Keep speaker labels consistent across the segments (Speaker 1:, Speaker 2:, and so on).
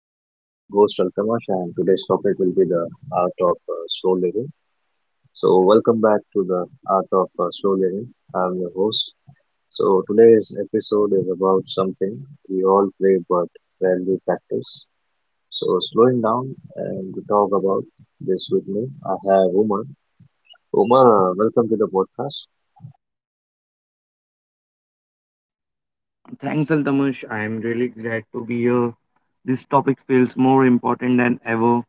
Speaker 1: I'm your host Altamash, and today's topic will be the art of slow living. So welcome back to the art of slow living. I'm your host. So today's episode is about something we all play but rarely practice. So slowing down, and to talk about this with me, I have Umar. Umar, welcome to the podcast.
Speaker 2: Thanks, Altamish. I am really glad to be here. This topic feels more important than ever.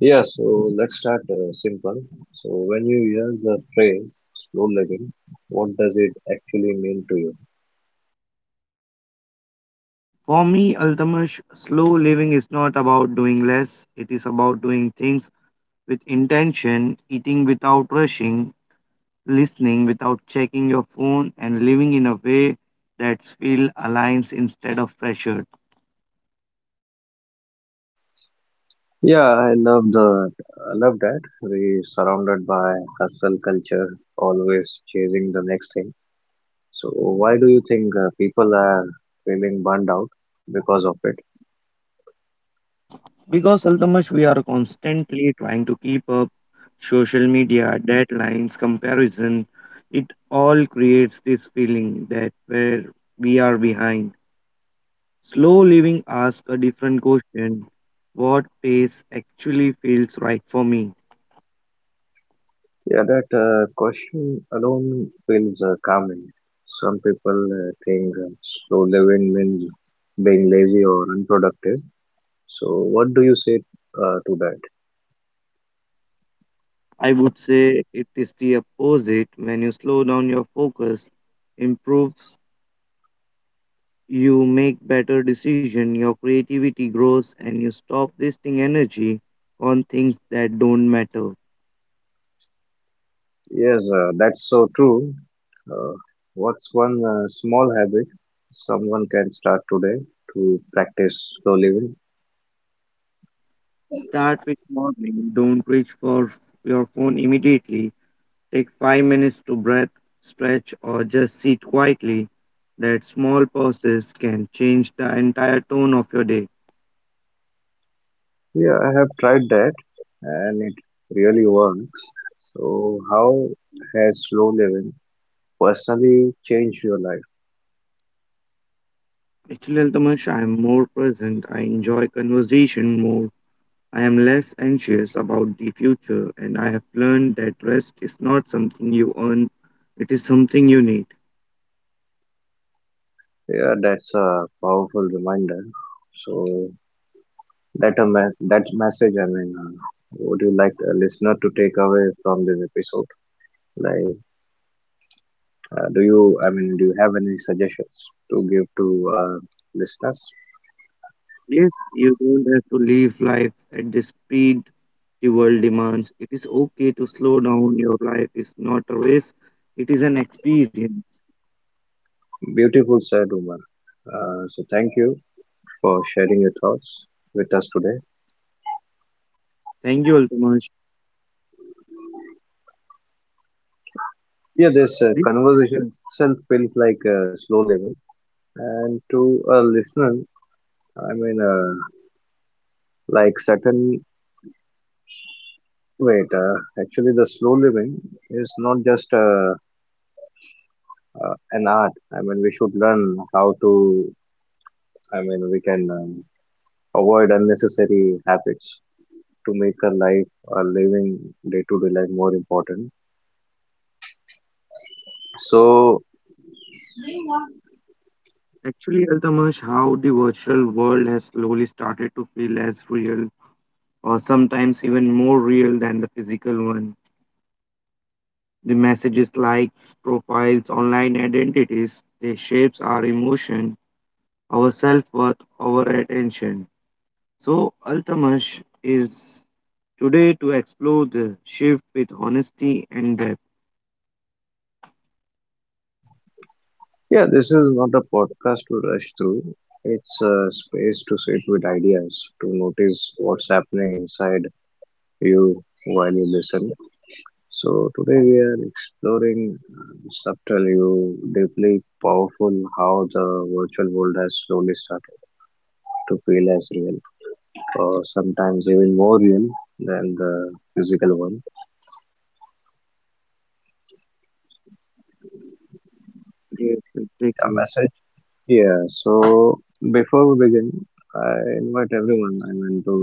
Speaker 1: Yeah, so let's start simple. So when you hear the phrase slow living, what does it actually mean to you?
Speaker 2: For me, Altamish, slow living is not about doing less, it is about doing things with intention, eating without rushing, listening without checking your phone, and living in a way that feels aligned instead of pressured.
Speaker 1: Yeah, I love the I love that. We surrounded by hustle culture, always chasing the next thing. So why do you think people are feeling burned out because of it?
Speaker 2: Because Altamash, we are constantly trying to keep up social media, deadlines, comparison. It all creates this feeling that where we are behind. Slow living asks a different question. What pace actually feels right for me?
Speaker 1: Yeah, that question alone feels calming. Some people think slow living means being lazy or unproductive. So what do you say to that?
Speaker 2: I would say it is the opposite. When you slow down your focus, improves, you make better decision, your creativity grows and you stop wasting energy on things that don't matter.
Speaker 1: Yes, that's so true. Uh, what's one small habit someone can start today to practice slow living?
Speaker 2: Start with morning. Don't reach for your phone immediately. Take 5 minutes to breath, stretch, or just sit quietly. That small pauses can change the entire tone of your day.
Speaker 1: Yeah, I have tried that and it really works. So how has slow living personally changed your life?
Speaker 2: Actually, Altamash, I am more present. I enjoy conversation more. I am less anxious about the future, and I have learned that rest is not something you earn, it is something you need.
Speaker 1: Yeah, that's a powerful reminder. So, that message, would you like a listener to take away from this episode? Like, do you, do you have any suggestions to give to uh, listeners?
Speaker 2: Yes, you don't have to live life at the speed the world demands. It is okay to slow down. Your life is not a race, it is an experience.
Speaker 1: Beautiful said, Umar. So thank you for sharing your thoughts with us today.
Speaker 2: Thank you, Altamash.
Speaker 1: Yeah, this
Speaker 2: This
Speaker 1: conversation itself feels like slow living, and to a listener, I mean, uh, like certain wait. Actually, the slow living is not just an art. I mean, we should learn how to. I mean, we can avoid unnecessary habits to make our life, our living, day to day life more important. So
Speaker 2: actually, Altamash, how the virtual world has slowly started to feel as real, or sometimes even more real than the physical one. The messages, likes, profiles, online identities, they shapes our emotion, our self-worth, our attention. So, Altamash is today, to explore the shift with honesty and depth.
Speaker 1: yeah, this is not a podcast to rush through. It's a space to sit with ideas, to notice what's happening inside you while you listen. So today we are exploring subtle, you deeply powerful, how the virtual world has slowly started to feel as real, or sometimes even more real than the physical one.
Speaker 2: Yes,
Speaker 1: Yeah,
Speaker 2: exactly.
Speaker 1: message Yeah, so before we begin, I invite everyone, to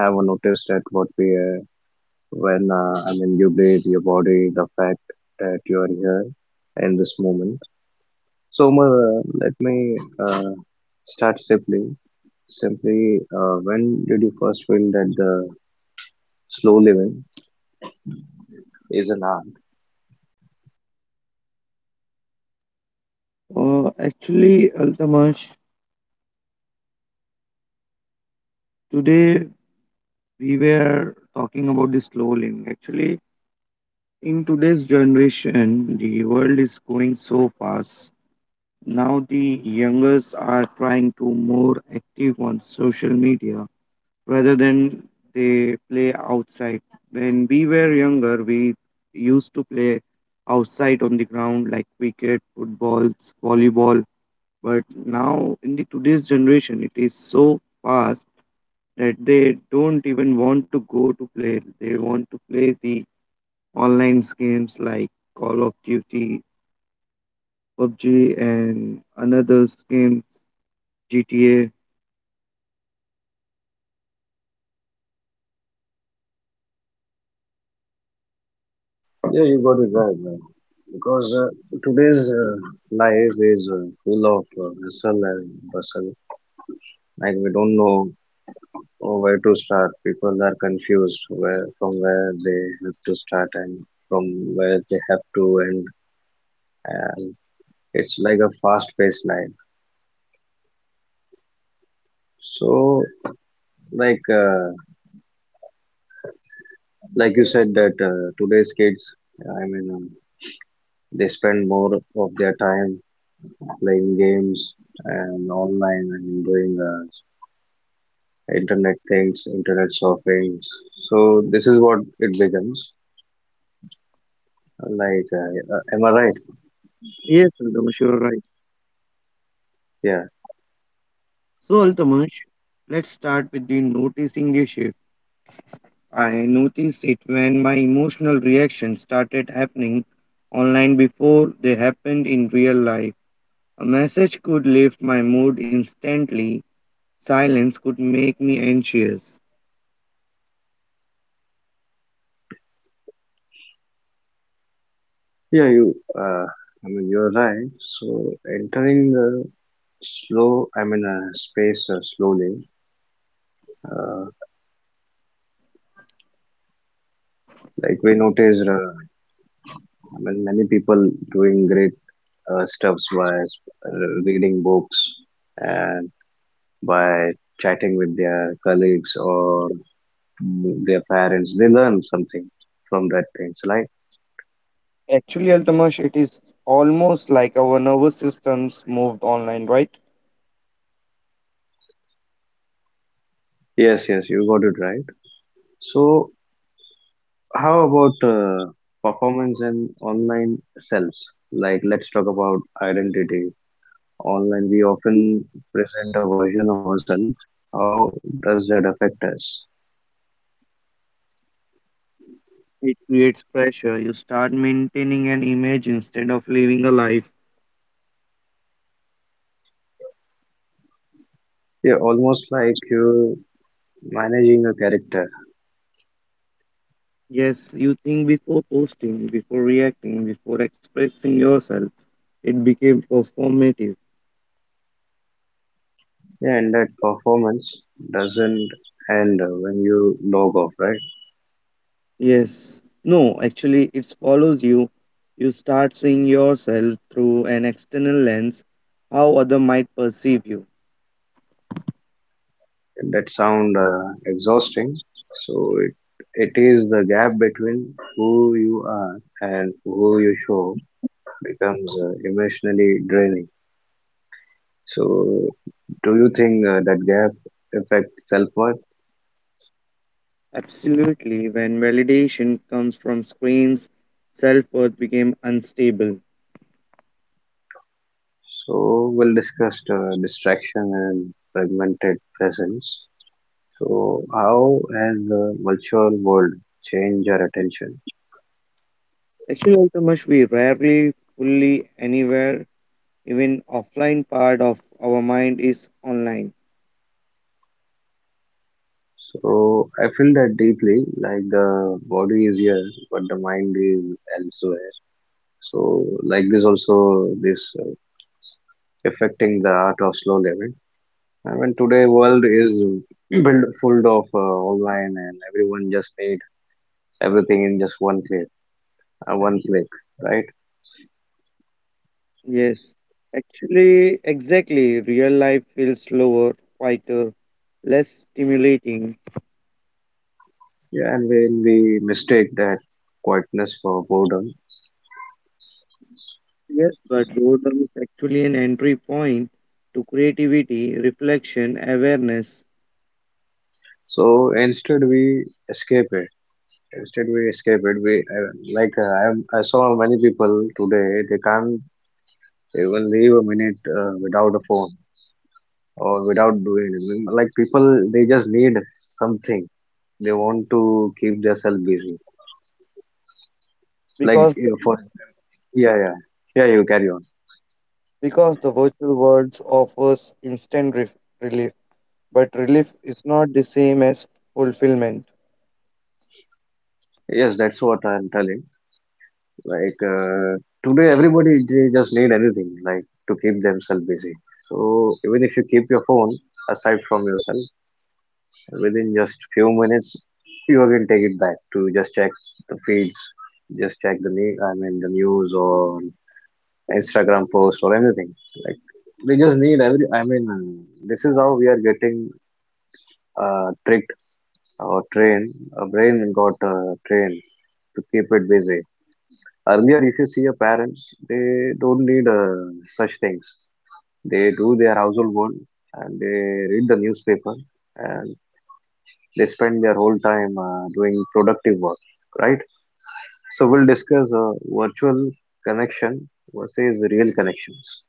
Speaker 1: have a notice that what we are, when, I mean, you breathe, your body, the fact that you are here in this moment. So, Umar, let me start simply. Simply, when did you first feel that the slow living is an art?
Speaker 2: Actually, Altamash, today we were talking about the slow living. Actually, in today's generation, the world is going so fast. Now the youngers are trying to more active on social media rather than they play outside. When we were younger, we used to play outside on the ground like cricket, football, volleyball. But now in the today's generation, it is so fast that they don't even want to go to play. They want to play the online games like Call of Duty, PUBG, and another game GTA.
Speaker 1: Yeah, you got it right, man. Because today's life is full of hustle and bustle. Like we don't know Oh, where to start? People are confused where from, where they have to start and from where they have to end, and it's like a fast-paced life. So like uh, like you said that today's kids, I mean, um, they spend more of their time playing games and online and doing internet things, internet shopping. So this is what it becomes. Like, am I right?
Speaker 2: Yes, Altamash, you are right.
Speaker 1: Yeah.
Speaker 2: So, Altamash, let's start with the noticing a shift. I noticed it when my emotional reactions started happening online before they happened in real life. A message could lift my mood instantly, silence could make me anxious.
Speaker 1: Yeah, you. I mean, you're right. So entering the slow, space slowly. Uh, like we noticed, I mean, many people doing great stuffs by reading books and by chatting with their colleagues or their parents. They learn something from that things, right?
Speaker 2: Actually, Altamash, it is almost like our nervous systems moved online, right?
Speaker 1: Yes, yes, you got it right. So how about performance and online selves? Like, let's talk about identity. Online, we often present a version of ourselves. How does that affect us?
Speaker 2: It creates pressure. You start maintaining an image instead of living a life.
Speaker 1: Yeah, almost like you're managing a character.
Speaker 2: Yes, you think before posting, before reacting, before expressing yourself. It became performative.
Speaker 1: Yeah, and that performance doesn't end when you log off, right?
Speaker 2: Yes. No, actually, it follows you. You start seeing yourself through an external lens, how other might perceive you.
Speaker 1: And that sound exhausting. So it it is the gap between who you are and who you show becomes emotionally draining. So do you think that gap affects self-worth?
Speaker 2: Absolutely, when validation comes from screens, self worth became unstable.
Speaker 1: So we'll discuss distraction and fragmented presence. So how has the virtual world changed our attention?
Speaker 2: Actually, also much we rarely fully anywhere, even offline part of our mind is online.
Speaker 1: So I feel that deeply, like the body is here, but the mind is elsewhere. So like this also, this affecting the art of slow living. I mean, today world is built full of online, and everyone just need everything in just one click, one click, right?
Speaker 2: Yes. Actually, exactly. Real life feels slower, quieter, less stimulating.
Speaker 1: Yeah, and when we mistake that quietness for boredom,
Speaker 2: Yes, but boredom is actually an entry point to creativity, reflection, awareness.
Speaker 1: so instead we escape it. Instead we escape it. We like I, am- I saw many people today they can't even leave a minute without a phone or without doing anything. Like people, they just need something. They want to keep themselves busy like
Speaker 2: because
Speaker 1: for Yeah, yeah, yeah. You carry on.
Speaker 2: because the virtual world offers instant relief, but relief is not the same as fulfillment.
Speaker 1: Yes, that's what I'm telling. Like today, everybody they just need anything like to keep themselves busy. So even if you keep your phone aside from yourself, within just few minutes, you again take it back to just check the feeds, just check the news. I mean the news or Instagram posts or anything. Like they just need every. I mean this is how we are getting tricked or train, a brain got trained to keep it busy. Earlier, if you see a parent, they don't need such things. They do their household work and they read the newspaper and they spend their whole time doing productive work, right? So we'll discuss virtual connection versus real connections.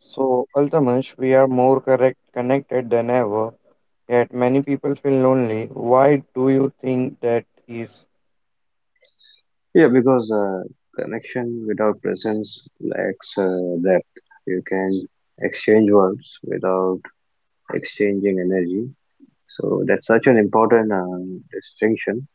Speaker 2: So ultimately we are more correct connected than ever, yet many people feel lonely. Why do you think that is?
Speaker 1: Yeah, because connection without presence lacks depth. You can exchange words without exchanging energy. So that's such an important distinction.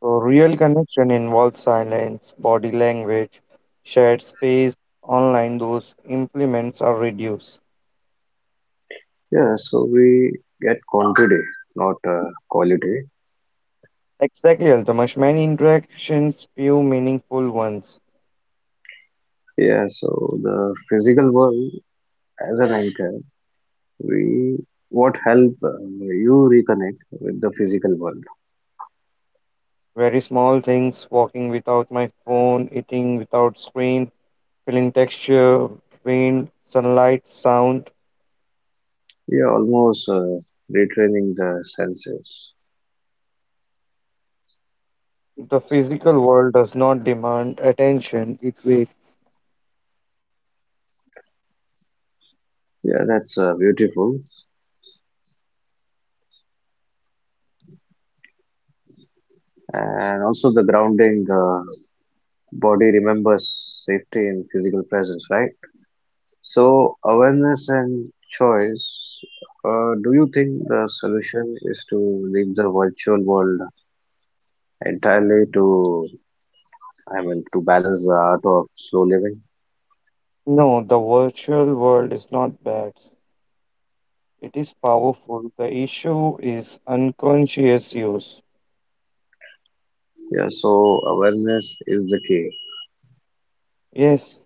Speaker 2: So real connection involves silence, body language, shared space. Online those implements are reduced.
Speaker 1: Yeah, so we get quantity, not quality.
Speaker 2: Exactly, Altamash. Many interactions, few meaningful ones.
Speaker 1: Yeah, so the physical world as an anchor, we what help you reconnect with the physical world.
Speaker 2: Very small things, walking without my phone, eating without screen, feeling texture, wind, sunlight, sound.
Speaker 1: Yeah, almost retraining the senses.
Speaker 2: The physical world does not demand attention, it waits.
Speaker 1: Yeah, that's beautiful. And also the grounding, the body remembers safety in physical presence, right? So awareness and choice. Do you think the solution is to leave the virtual world entirely to, I mean, to balance the art of slow living?
Speaker 2: No, the virtual world is not bad. It is powerful. The issue is unconscious use.
Speaker 1: Yeah, so awareness is the key.
Speaker 2: Yes,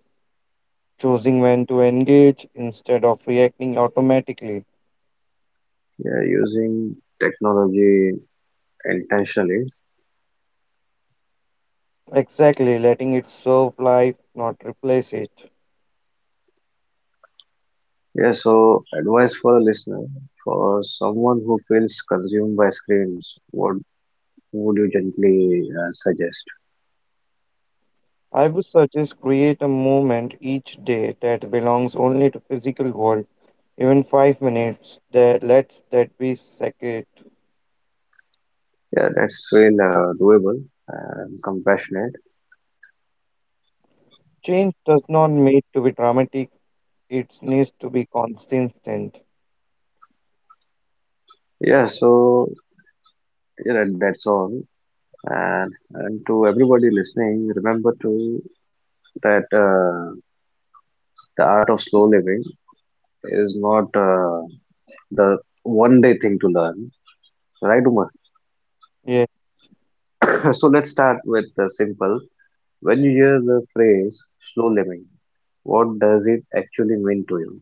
Speaker 2: choosing when to engage instead of reacting automatically.
Speaker 1: Yeah, using technology intentionally.
Speaker 2: Exactly, letting it serve life, not replace it.
Speaker 1: Yeah, so advice for a listener, for someone who feels consumed by screens, what would you gently suggest?
Speaker 2: I would suggest create a moment each day that belongs only to physical world, even 5 minutes. That lets that be sacred.
Speaker 1: Yeah, that's feel doable and compassionate.
Speaker 2: Change does not need to be dramatic; it needs to be consistent.
Speaker 1: Yeah, so yeah, that's all. And to everybody listening, remember to that the art of slow living is not the one day thing to learn, right, Umar?
Speaker 2: Yes,
Speaker 1: So let's start with the simple. When you hear the phrase slow living, what does it actually mean to you?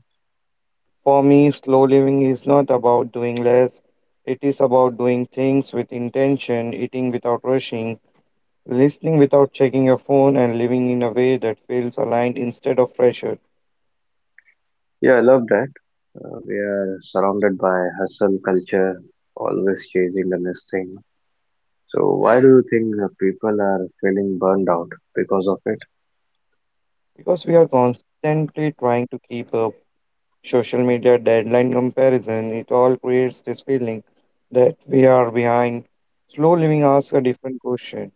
Speaker 2: for me, slow living is not about doing less. It is about doing things with intention, eating without rushing, listening without checking your phone, and living in a way that feels aligned instead of pressured.
Speaker 1: Yeah, I love that. We are surrounded by hustle culture, always chasing the next thing. So why do you think people are feeling burned out because of it?
Speaker 2: Because we are constantly trying to keep up social media deadline comparison. It all creates this feeling that we are behind. Slow living asks a different question.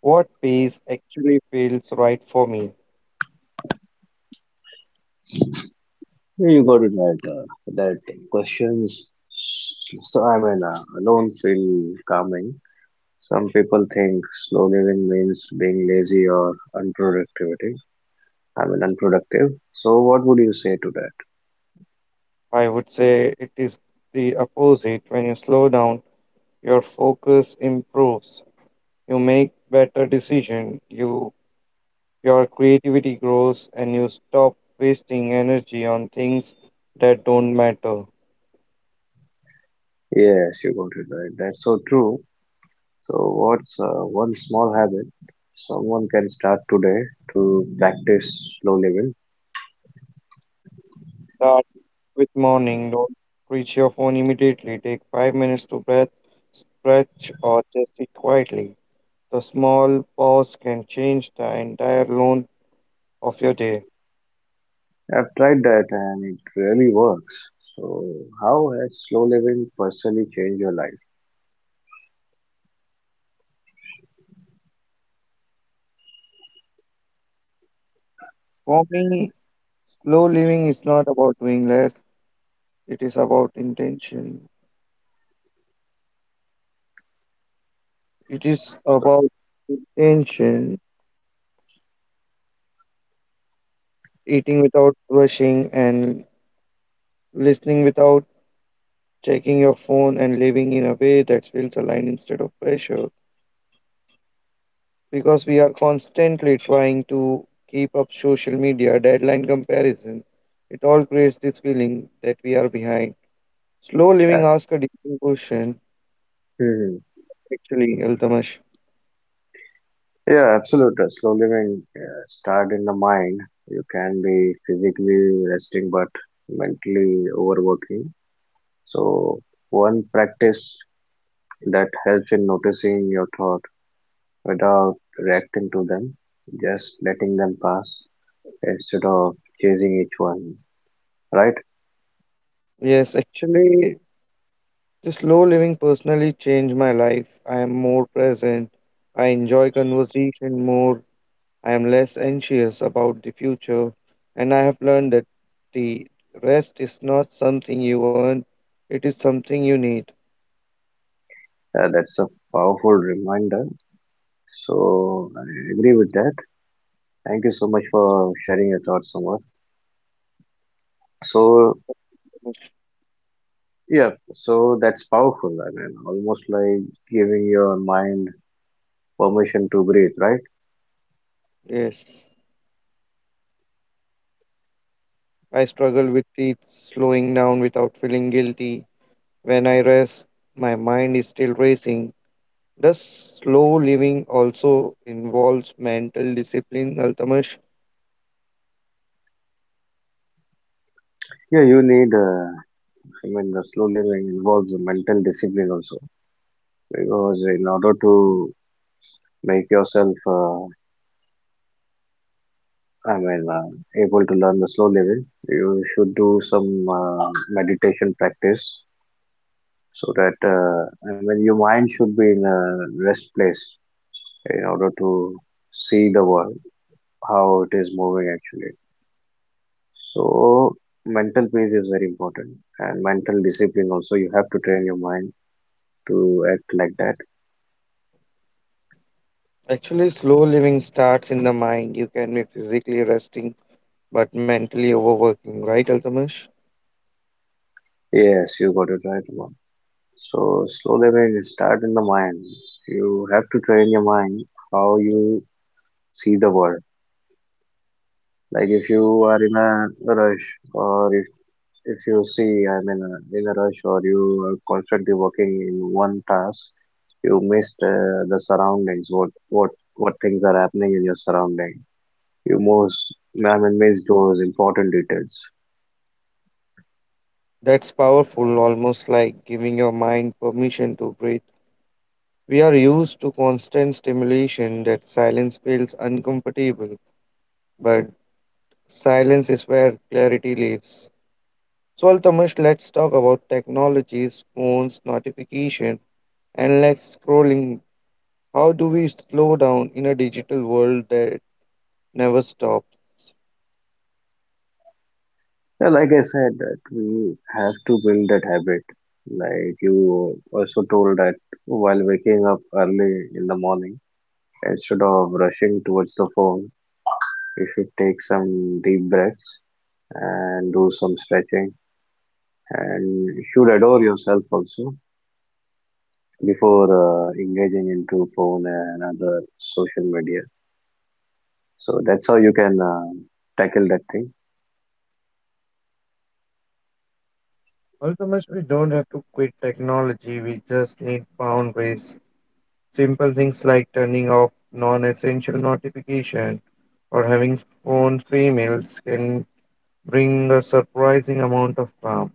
Speaker 2: What pace actually feels right for me?
Speaker 1: You got it right. That questions. So alone feel calming. Some people think slow living means being lazy or unproductivity. I mean, unproductive. So what would you say to that?
Speaker 2: I would say it is the opposite. When you slow down, your focus improves, you make better decisions. Your creativity grows and you stop wasting energy on things that don't matter.
Speaker 1: Yes, you got it right. That's so true. So what's one small habit someone can start today to practice slow living?
Speaker 2: Good morning. Don't reach your phone immediately. Take 5 minutes to breath, stretch, or just sit quietly. The small pause can change the entire loan of your day.
Speaker 1: I've tried that and it really works. So how has slow living personally changed your life?
Speaker 2: For me, slow living is not about doing less, it is about intention. It is about intention, eating without rushing, and listening without checking your phone, and living in a way that feels aligned instead of pressure. Because we are constantly trying to keep up social media deadline comparison. It all creates this feeling that we are behind. Slow
Speaker 1: Uh,
Speaker 2: living asks a different question,
Speaker 1: Mhm.
Speaker 2: actually, Altamash.
Speaker 1: Yeah, absolutely. Slow living start in the mind. You can be physically resting but mentally overworking. So one practice that helps in noticing your thought without reacting to them, just letting them pass instead of chasing each one. Right?
Speaker 2: Yes, actually, the slow living personally changed my life. I am more present. I enjoy conversation more. I am less anxious about the future. And I have learned that the rest is not something you earn, it is something you need.
Speaker 1: That's a powerful reminder. So I agree with that. Thank you so much for sharing your thoughts, Samar. So yeah, so that's powerful. I mean, almost like giving your mind permission to breathe, right?
Speaker 2: Yes. I struggle with it slowing down without feeling guilty. When I rest, my mind is still racing. Does slow living also involves mental discipline, Altamash?
Speaker 1: Yeah, you need, I mean, the slow living involves mental discipline also, because in order to make yourself, able to learn the slow living, you should do some meditation practice so that, I mean, your mind should be in a rest place in order to see the world, how it is moving actually. So mental peace is very important and mental discipline also. You have to train your mind to act like that.
Speaker 2: Actually, slow living starts in the mind. You can be physically resting but mentally overworking, right, Altamash?
Speaker 1: Yes, you got it right one. So slow living start in the mind. You have to train your mind how you see the world. Like if you are in a rush or if you see I'm in a rush or you are constantly working in one task, you missed the surroundings. What things are happening in your surrounding you most I mean missed those important details.
Speaker 2: That's powerful, almost like giving your mind permission to breathe. We are used to constant stimulation that silence feels uncomfortable, but silence is where clarity lives. So, Altamish, let's talk about technologies, phones, notification, endless scrolling. How do we slow down in a digital world that never stops?
Speaker 1: Yeah, like I said, that we have to build that habit. Like you also told that while waking up early in the morning, instead of rushing towards the phone, you should take some deep breaths and do some stretching, and you should adore yourself also before engaging into phone and other social media. So that's how you can tackle that thing.
Speaker 2: Altamish, we don't have to quit technology. We just need boundaries. Simple things like turning off non-essential notification or having phone-free meals can bring a surprising amount of calm.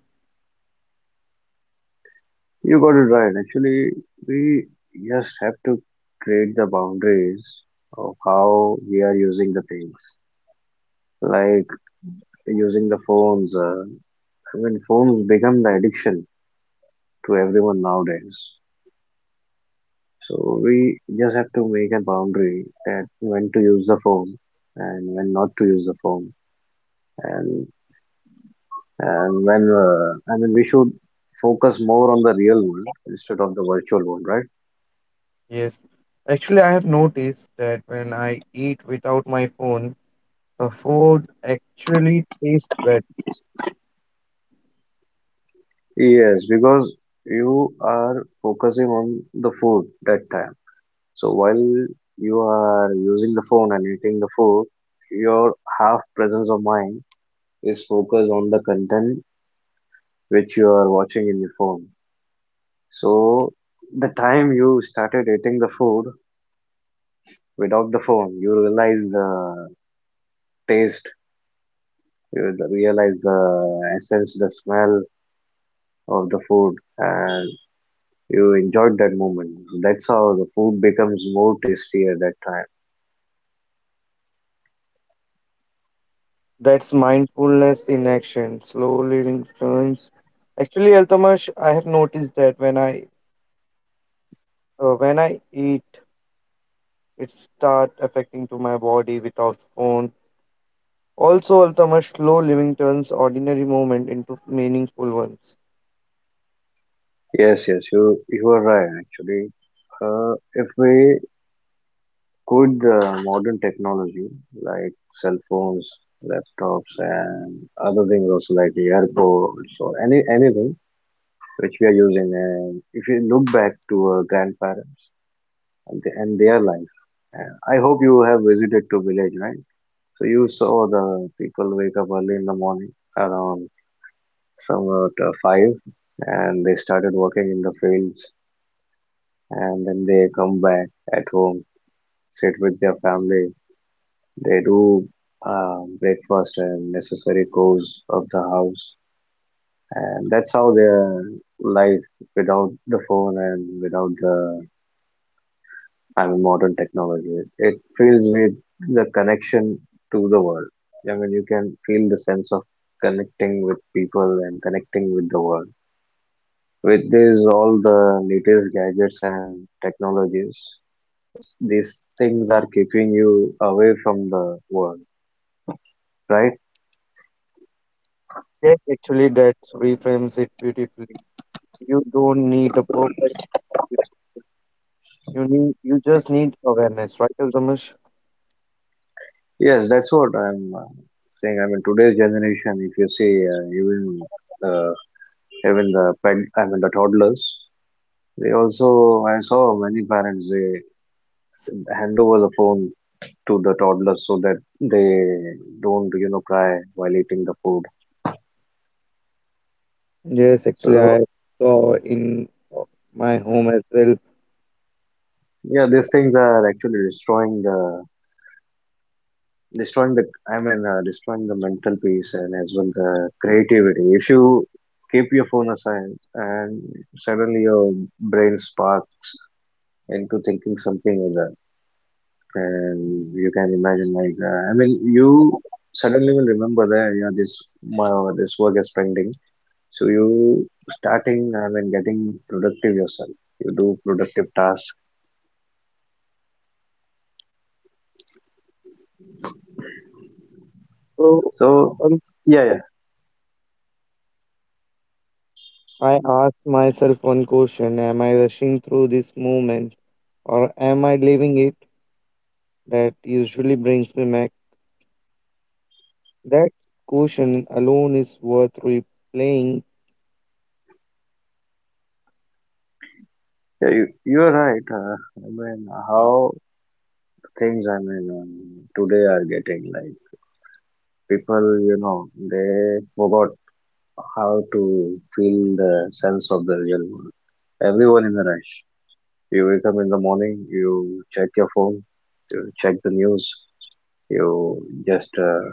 Speaker 1: You got it right. Actually, we just have to create the boundaries of how we are using the things. Like using the phones. I mean, phones become the addiction to everyone nowadays. So we just have to make a boundary that when to use the phone and when not to use the phone, and and when I mean we should focus more on the real world instead of the virtual world, right?
Speaker 2: Yes. Actually, I have noticed that when I eat without my phone, the food actually tastes better.
Speaker 1: Yes, because you are focusing on the food that time. So while you are using the phone and eating the food, your half presence of mind is focused on the content which you are watching in your phone. So the time you started eating the food without the phone, you realize the taste, you realize the essence, the smell of the food, and you enjoyed that moment. That's how the food becomes more tasty at that time.
Speaker 2: That's mindfulness in action. Slow living turns. Actually, Altamash, I have noticed that when I eat, it start affecting to my body without phone. Also, Altamash, slow living turns ordinary moment into meaningful ones.
Speaker 1: Yes, yes, you are right actually. If we could, modern technology like cell phones, laptops, and other things also like the airports or anything which we are using, and if you look back to our grandparents and their life, I hope you have visited to village, right? So you saw the people wake up early in the morning around somewhat five, and they started working in the fields, and then they come back at home, sit with their family. They do breakfast and necessary chores of the house, and that's how their life without the phone and without the, I mean, modern technology. It feels with the connection to the world. I mean, you can feel the sense of connecting with people and connecting with the world. With this all the latest gadgets and technologies, these things are keeping you away from the world, right?
Speaker 2: Yes, actually, that reframes it beautifully. You don't need a perfect kitchen. You just need awareness, right, Altamash?
Speaker 1: Yes, that's what I'm saying. I mean, today's generation, if you see, even uh, even I mean, the toddlers, they also, I saw many parents, they hand over the phone to the toddlers so that they don't, you know, cry while eating the food.
Speaker 2: Yes, actually,
Speaker 1: So
Speaker 2: I saw in uh, my home as well.
Speaker 1: yeah, these things are actually destroying the, I mean, destroying the mental peace and as well the creativity. If you keep your phone aside and suddenly your brain spark into thinking something like that, and you can imagine like, I mean, you suddenly will remember that yeah, this my this work is pending. So you starting, I mean, getting productive yourself, you do productive tasks.
Speaker 2: So
Speaker 1: So
Speaker 2: um,
Speaker 1: yeah, yeah,
Speaker 2: I asked myself one question: am I rushing through this moment, or am I living it? That usually brings me back. That question alone is worth replaying.
Speaker 1: yeah, you are right. I mean, how things, I mean, today are getting like, people, you know, they forgot how to feel the sense of the real world. Everyone in a rush. You wake up in the morning, you check your phone, you check the news, you just,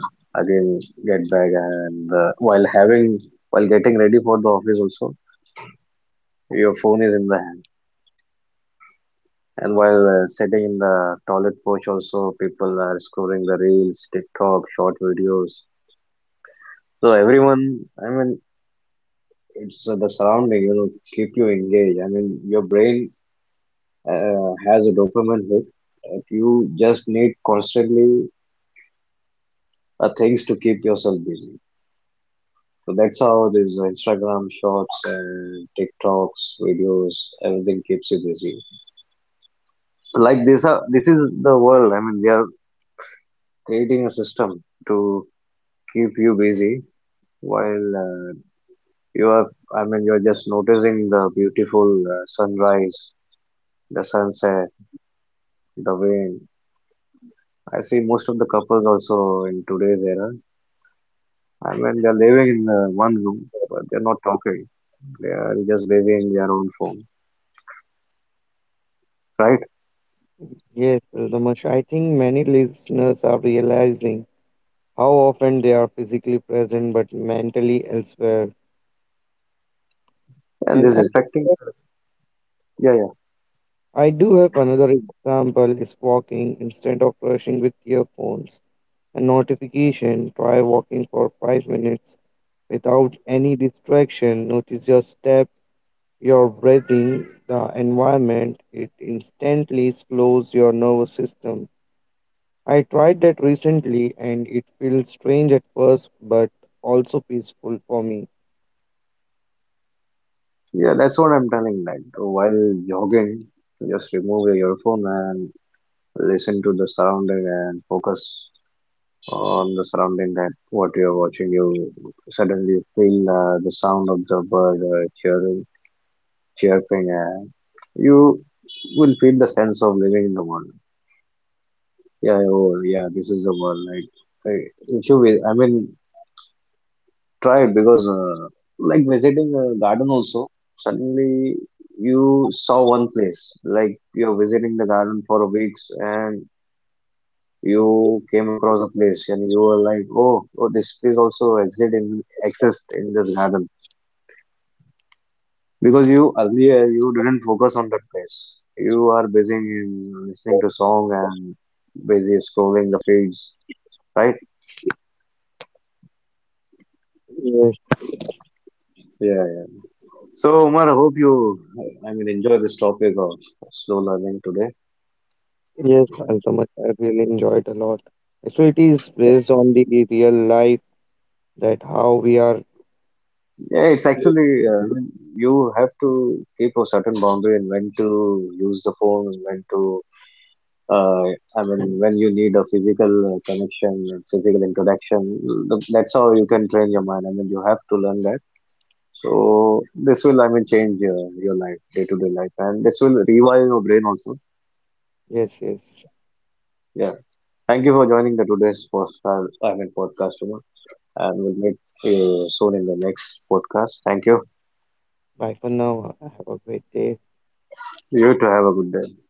Speaker 1: again get back, and while having, while getting ready for the office also, your phone is in the hand, and while sitting in the toilet porch also, people are scrolling the reels, TikTok, short videos. So everyone, I mean, it's, the surrounding, you know, keep you engaged. I mean, your brain has a dopamine hit. If you just need constantly things to keep yourself busy. So that's how these Instagram shorts and TikToks, videos, everything keeps you busy. Like this, are, this is the world. I mean, we are creating a system to keep you busy while you are, I mean, you're just noticing the beautiful sunrise, the sunset. The way I see most of the couples also in today's era, I mean, they're living in one room, but they're not talking. They are just waving their own phone, right?
Speaker 2: Yes, Damash, I think many listeners are realizing how often they are physically present but mentally elsewhere.
Speaker 1: And
Speaker 2: And
Speaker 1: this
Speaker 2: I
Speaker 1: is affecting.
Speaker 2: think
Speaker 1: Yeah, yeah,
Speaker 2: I do have another example is walking instead of rushing with earphones and notification. Try walking for 5 minutes without any distraction. Notice your step, your breathing, the environment. It instantly slows your nervous system. I tried that recently and it feels strange at first but also peaceful for me.
Speaker 1: yeah. That's what I'm telling. Like while jogging, just remove your phone and listen to the surrounding and focus on the surrounding that what you're watching. You suddenly feel the sound of the bird chirring, chirping, and you will feel the sense of living in the world. Yeah, yeah, oh, yeah, this is the one. Like, I, if you, vi- I mean, try it because, like, visiting a garden also, suddenly you saw one place. Like, you're visiting the garden for a weeks and you came across a place and you were like, oh, oh, this place also exist in, exists in this garden. Because you earlier, you didn't focus on that place. You are busy in listening to song and busy scrolling the feeds, right?
Speaker 2: Yes,
Speaker 1: Yeah, yeah. So, Umar, I hope you, I mean, enjoy this topic of slow learning today.
Speaker 2: yes, Antamat, I really enjoyed a lot. Actually, it is based on the real life that how we are.
Speaker 1: Yeah, it's
Speaker 2: Yes,
Speaker 1: actually, I mean, you have to keep a certain boundary and when to use the phone and when to, uh, I mean, when you need a physical connection and physical interaction. That's how you can train your mind. I mean, you have to learn that. So, this will, I mean, change your life, day-to-day life, and this will rewire your brain also.
Speaker 2: yes. Yes.
Speaker 1: Yeah. Thank you for joining the today's I mean, podcast, Umar, and we'll meet you soon in the next podcast. Thank you.
Speaker 2: Bye for now. Have a great day.
Speaker 1: You too. Have a good day.